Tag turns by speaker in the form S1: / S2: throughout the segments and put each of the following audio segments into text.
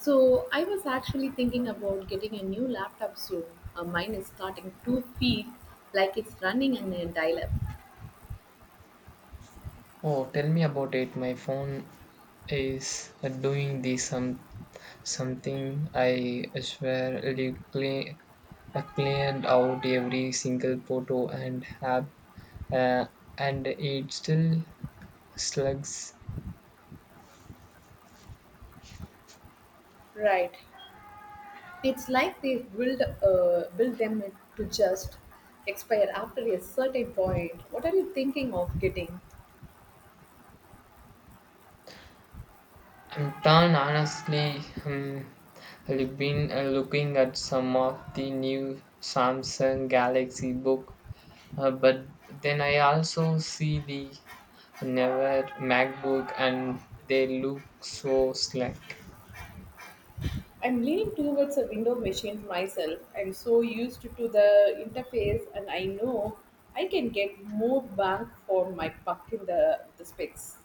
S1: So I was actually thinking about getting a new laptop soon. Mine is starting to feel like it's running on a dial-up.
S2: Oh, tell me about it. My phone is doing the something. I swear it cleared out every single photo and have uh, and it still slugs.
S1: Right. It's like they build them to just expire after a certain point. What are you thinking of getting?
S2: I'm done honestly. I've been looking at some of the new Samsung Galaxy Book. But then I also see the never MacBook and they look so slack.
S1: I'm leaning towards a window machine myself. I'm so used to the interface, and I know I can get more bang for my buck in the specs.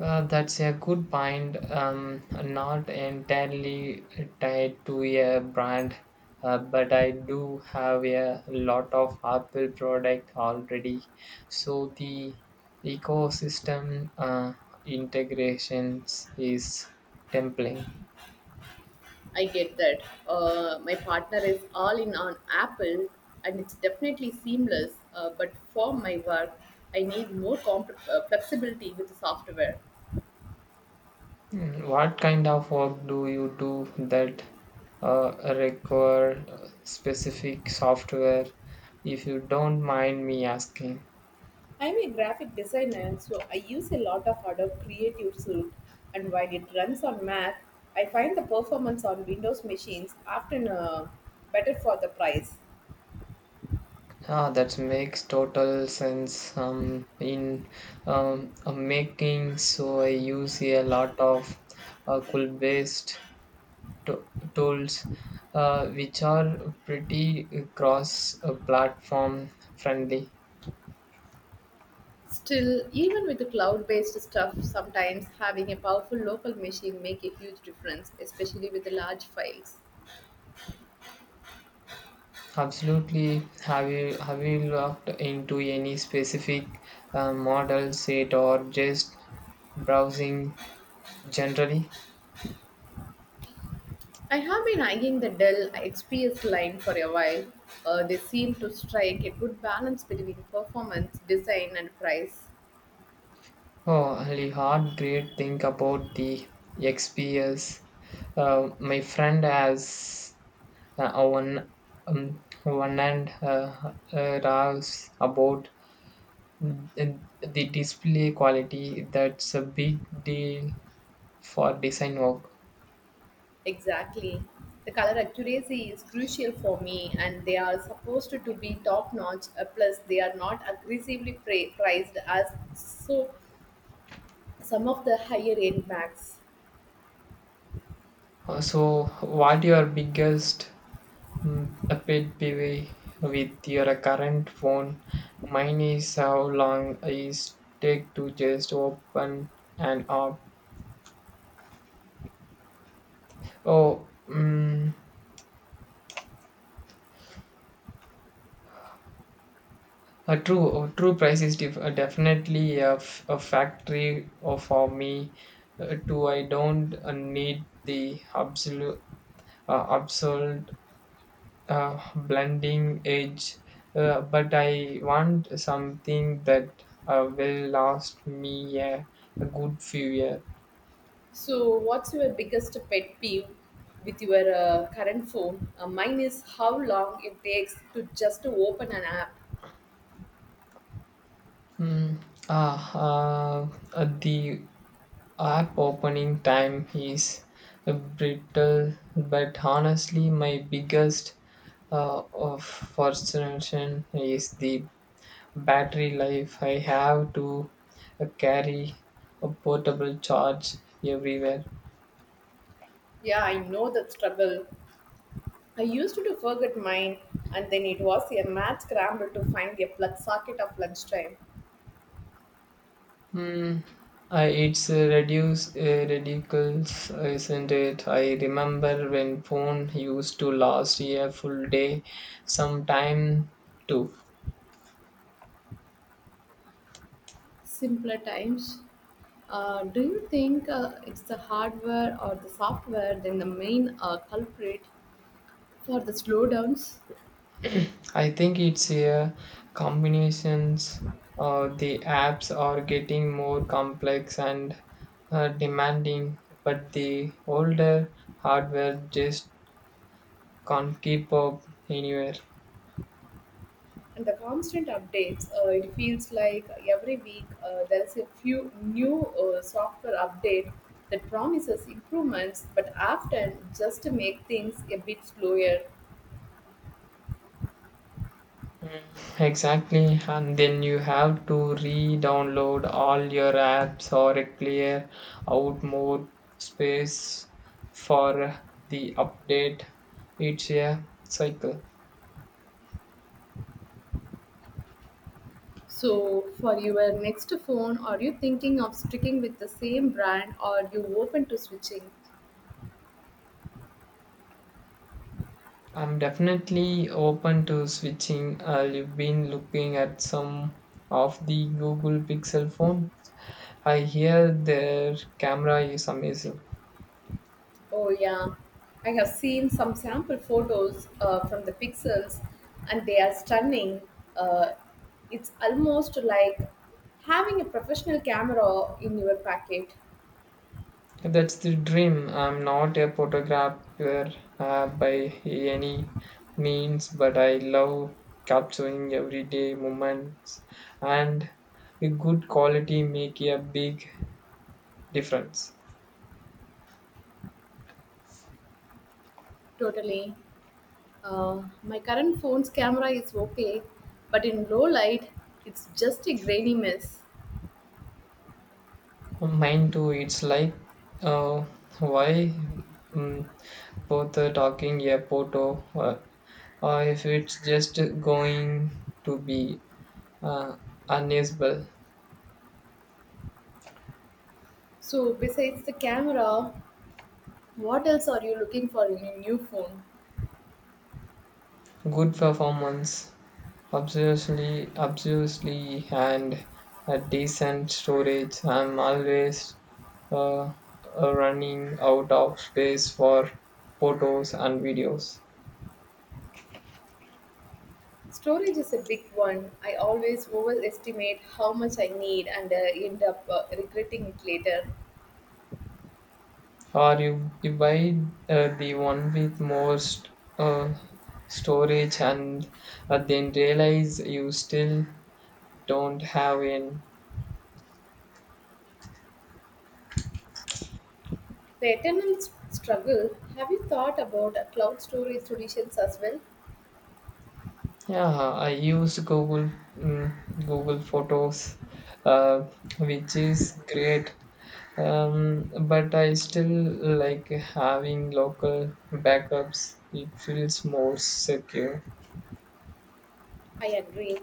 S2: That's a good point. Not entirely tied to a brand, but I do have a lot of Apple product already. So the ecosystem integrations is tempting.
S1: I get that. My partner is all in on Apple and it's definitely seamless, but for my work, I need flexibility with the software.
S2: Mm. What kind of work do you do that require specific software? If you don't mind me asking.
S1: I'm a graphic designer, so I use a lot of Adobe Creative Suite, and while it runs on Mac, I find the performance on Windows machines often better for the price.
S2: Ah, that makes total sense. So I use a lot of cool based to- tools, which are pretty cross-platform friendly.
S1: Still, even with the cloud-based stuff, sometimes having a powerful local machine make a huge difference, especially with the large files.
S2: Absolutely. Have you looked into any specific model set or just browsing generally?
S1: I have been eyeing the Dell XPS line for a while. They seem to strike a good balance between performance, design, and price.
S2: Oh, I heard great thing about the XPS. My friend has uh, one one and raves about the display quality. That's a big deal for design work.
S1: Exactly. The color accuracy is crucial for me, and they are supposed to be top notch. Plus, they are not priced as some of the higher end Macs.
S2: So, what your biggest Mm, A bit busy with your current phone. Mine is how long is take to just open an app. Oh, a true price is definitely a factory for me. Too, I don't need the absolute blending edge, but I want something that will last me a good few years.
S1: So, what's your biggest pet peeve with your current phone? Mine is how long it takes to just open an app.
S2: Mm, ah, uh, the app opening time is brittle, but honestly, my biggest of frustration is the battery life. I have to carry a portable charge everywhere.
S1: Yeah, I know that struggle. I used to forget mine, and then it was a mad scramble to find a plug socket of lunchtime.
S2: Mm. I, it's reduce ridiculous, isn't it? I remember when phone used to last a full day, sometime too.
S1: Simpler times. Do you think it's the hardware or the software then the main culprit for the slowdowns?
S2: I think it's combinations or the apps are getting more complex and demanding, but the older hardware just can't keep up anywhere.
S1: And the constant updates, it feels like every week there's a few new software update that promises improvements, but often just to make things a bit slower.
S2: Exactly, and then you have to re-download all your apps or clear out more space for the update. It's a cycle.
S1: So, for your next phone, are you thinking of sticking with the same brand or are you open to switching?
S2: I'm definitely open to switching. I've been looking at some of the Google Pixel phone. I hear their camera is amazing.
S1: Oh, yeah. I have seen some sample photos from the Pixels and they are stunning. Uh, it's almost like having a professional camera in your packet.
S2: That's the dream. I'm not a photographer by any means, but I love capturing everyday moments, and a good quality make a big difference.
S1: Totally. My current phone's camera is okay, but in low light, it's just a grainy mess.
S2: Mine too. It's like uh, why um, both are talking a photo, or if it's just going to be uh, unusable.
S1: So, besides the camera, what else are you looking for in a new phone?
S2: Good performance. Obviously, and a decent storage. I'm always uh, running out of space for photos and videos.
S1: Storage is a big one. I always overestimate how much I need and end up regretting it later.
S2: Or you buy the one with more uh, storage and then realize you still don't have in.
S1: The struggle. Have you thought about cloud storage solutions as well?
S2: Yeah, I use Google Photos, uh, which is great, but I still like having local backups. It feels more secure.
S1: I agree.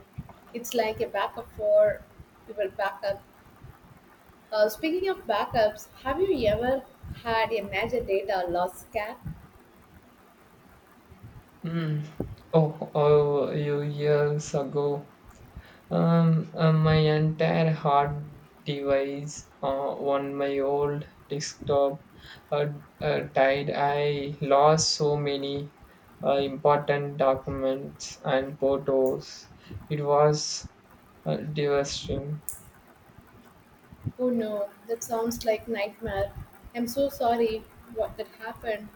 S1: It's like a backup for your backup. Speaking of backups, have you ever had a major data loss scare?
S2: Mm. Oh, a few years ago, my entire hard device on my old desktop uh, died. I lost so many important documents and photos. It was devastating.
S1: Oh no, that sounds like nightmare. I'm so sorry what that happened.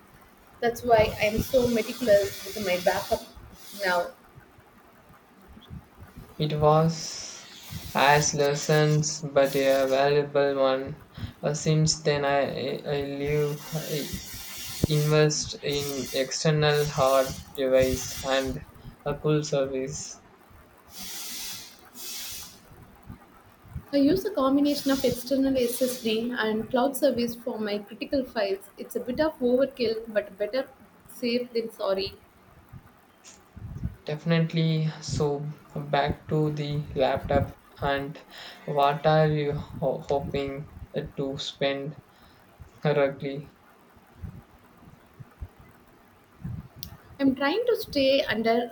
S1: That's why I'm so meticulous with my backup now.
S2: It was as lessons, but a valuable one. Since then, I invest in external hard device and a cool service.
S1: I use a combination of external SSD and cloud service for my critical files. It's a bit of overkill, but better safe than sorry.
S2: Definitely. So back to the laptop and what are you hoping to spend correctly?
S1: I'm trying to stay under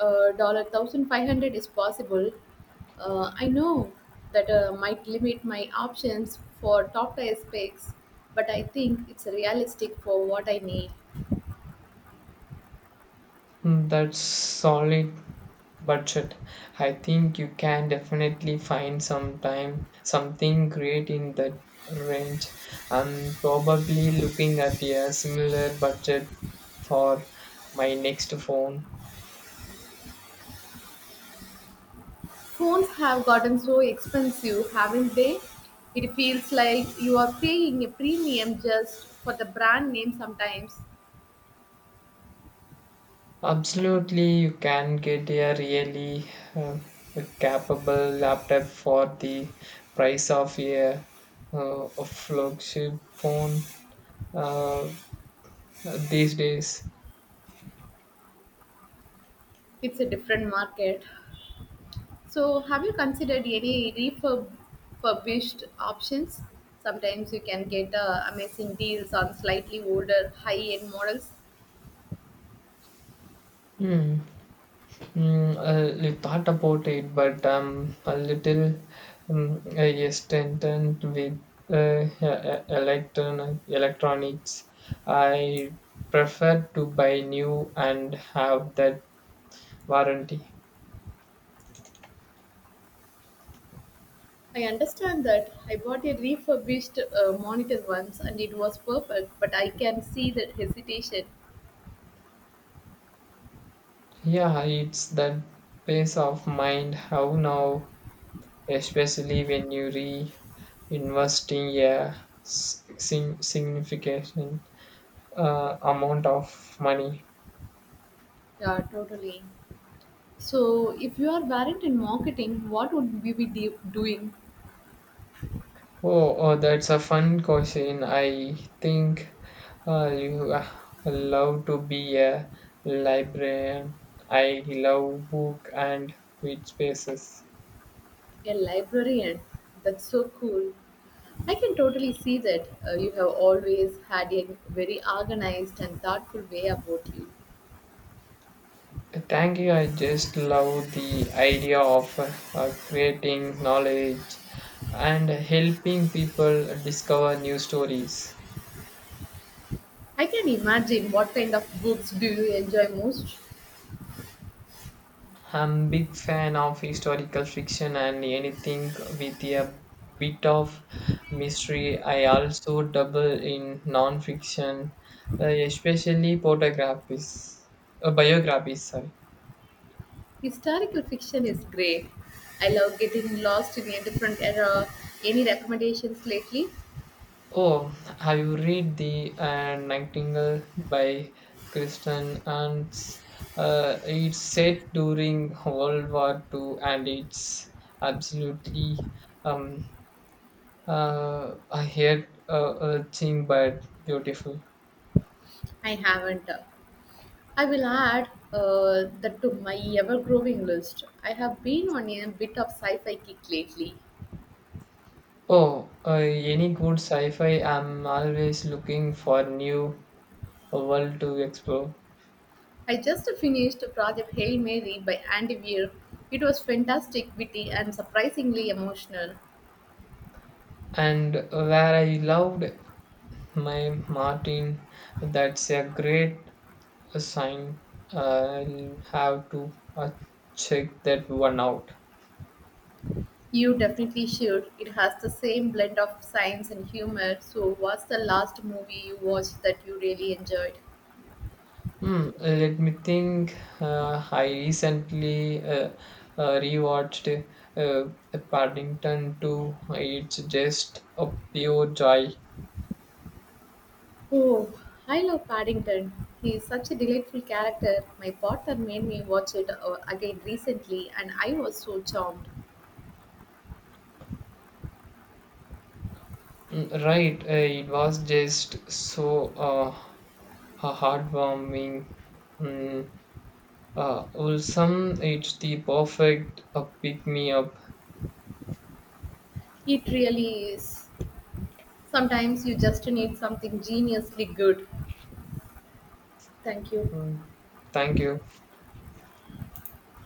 S1: uh, dollar 1,500 is possible. I know that might limit my options for top tier specs, but I think it's realistic for what I need.
S2: Hmm. That's solid budget. I think you can definitely find something great in that range. I'm probably looking at a similar budget for my next phone.
S1: Phones have gotten so expensive, haven't they? It feels like you are paying a premium just for the brand name sometimes.
S2: Absolutely, you can get a really uh, a capable laptop for the price of a flagship phone uh, these days.
S1: It's a different market. So, have you considered any refurbished options? Sometimes you can get amazing deals on slightly older, high end models.
S2: Hmm. I little thought about it, but I'm a little hesitant with electronics. I prefer to buy new and have that warranty.
S1: I understand that I bought a refurbished monitor once and it was perfect, but I can see that hesitation.
S2: Yeah, it's that peace of mind how now, especially when you reinvest investing a significant amount of money.
S1: Yeah, totally. So, if you are variant in marketing, what would we be doing?
S2: Oh, that's a fun question. I think you love to be a librarian. I love book and quiet spaces.
S1: A librarian? That's so cool. I can totally see that you have always had a very organized and thoughtful way about you.
S2: Thank you. I just love the idea of creating knowledge and helping people discover new stories.
S1: I can imagine what kind of books do you enjoy most.
S2: I'm big fan of historical fiction and anything with a bit of mystery. I also dabble in non-fiction, especially photographies, biographies. Sorry.
S1: Historical fiction is great. I love getting lost in a different era. Any recommendations lately?
S2: Oh, have you read the Nightingale by Kristen? And it's set during World War Two, and it's absolutely um, I heard a thing, but beautiful.
S1: I haven't. I will add that to my ever-growing list. I have been on a bit of sci-fi kick lately.
S2: Oh, any good sci-fi? I'm always looking for new world to explore.
S1: I just finished Project Hail Mary by Andy Weir. It was fantastic, witty, and surprisingly emotional.
S2: And where I loved my Martin, that's a great sign. I'll have to uh, check that one out.
S1: You definitely should. It has the same blend of science and humor. So, what's the last movie you watched that you really enjoyed?
S2: Let me think. I recently rewatched Paddington 2. It's just a pure joy.
S1: Oh, I love Paddington. He is such a delightful character. My partner made me watch it again recently, and I was so charmed.
S2: Right, it was just so a heartwarming. Mm, Wholesome. It's the perfect pick me up.
S1: It really is. Sometimes you just need something geniusly good. Thank you.
S2: Mm, Thank you.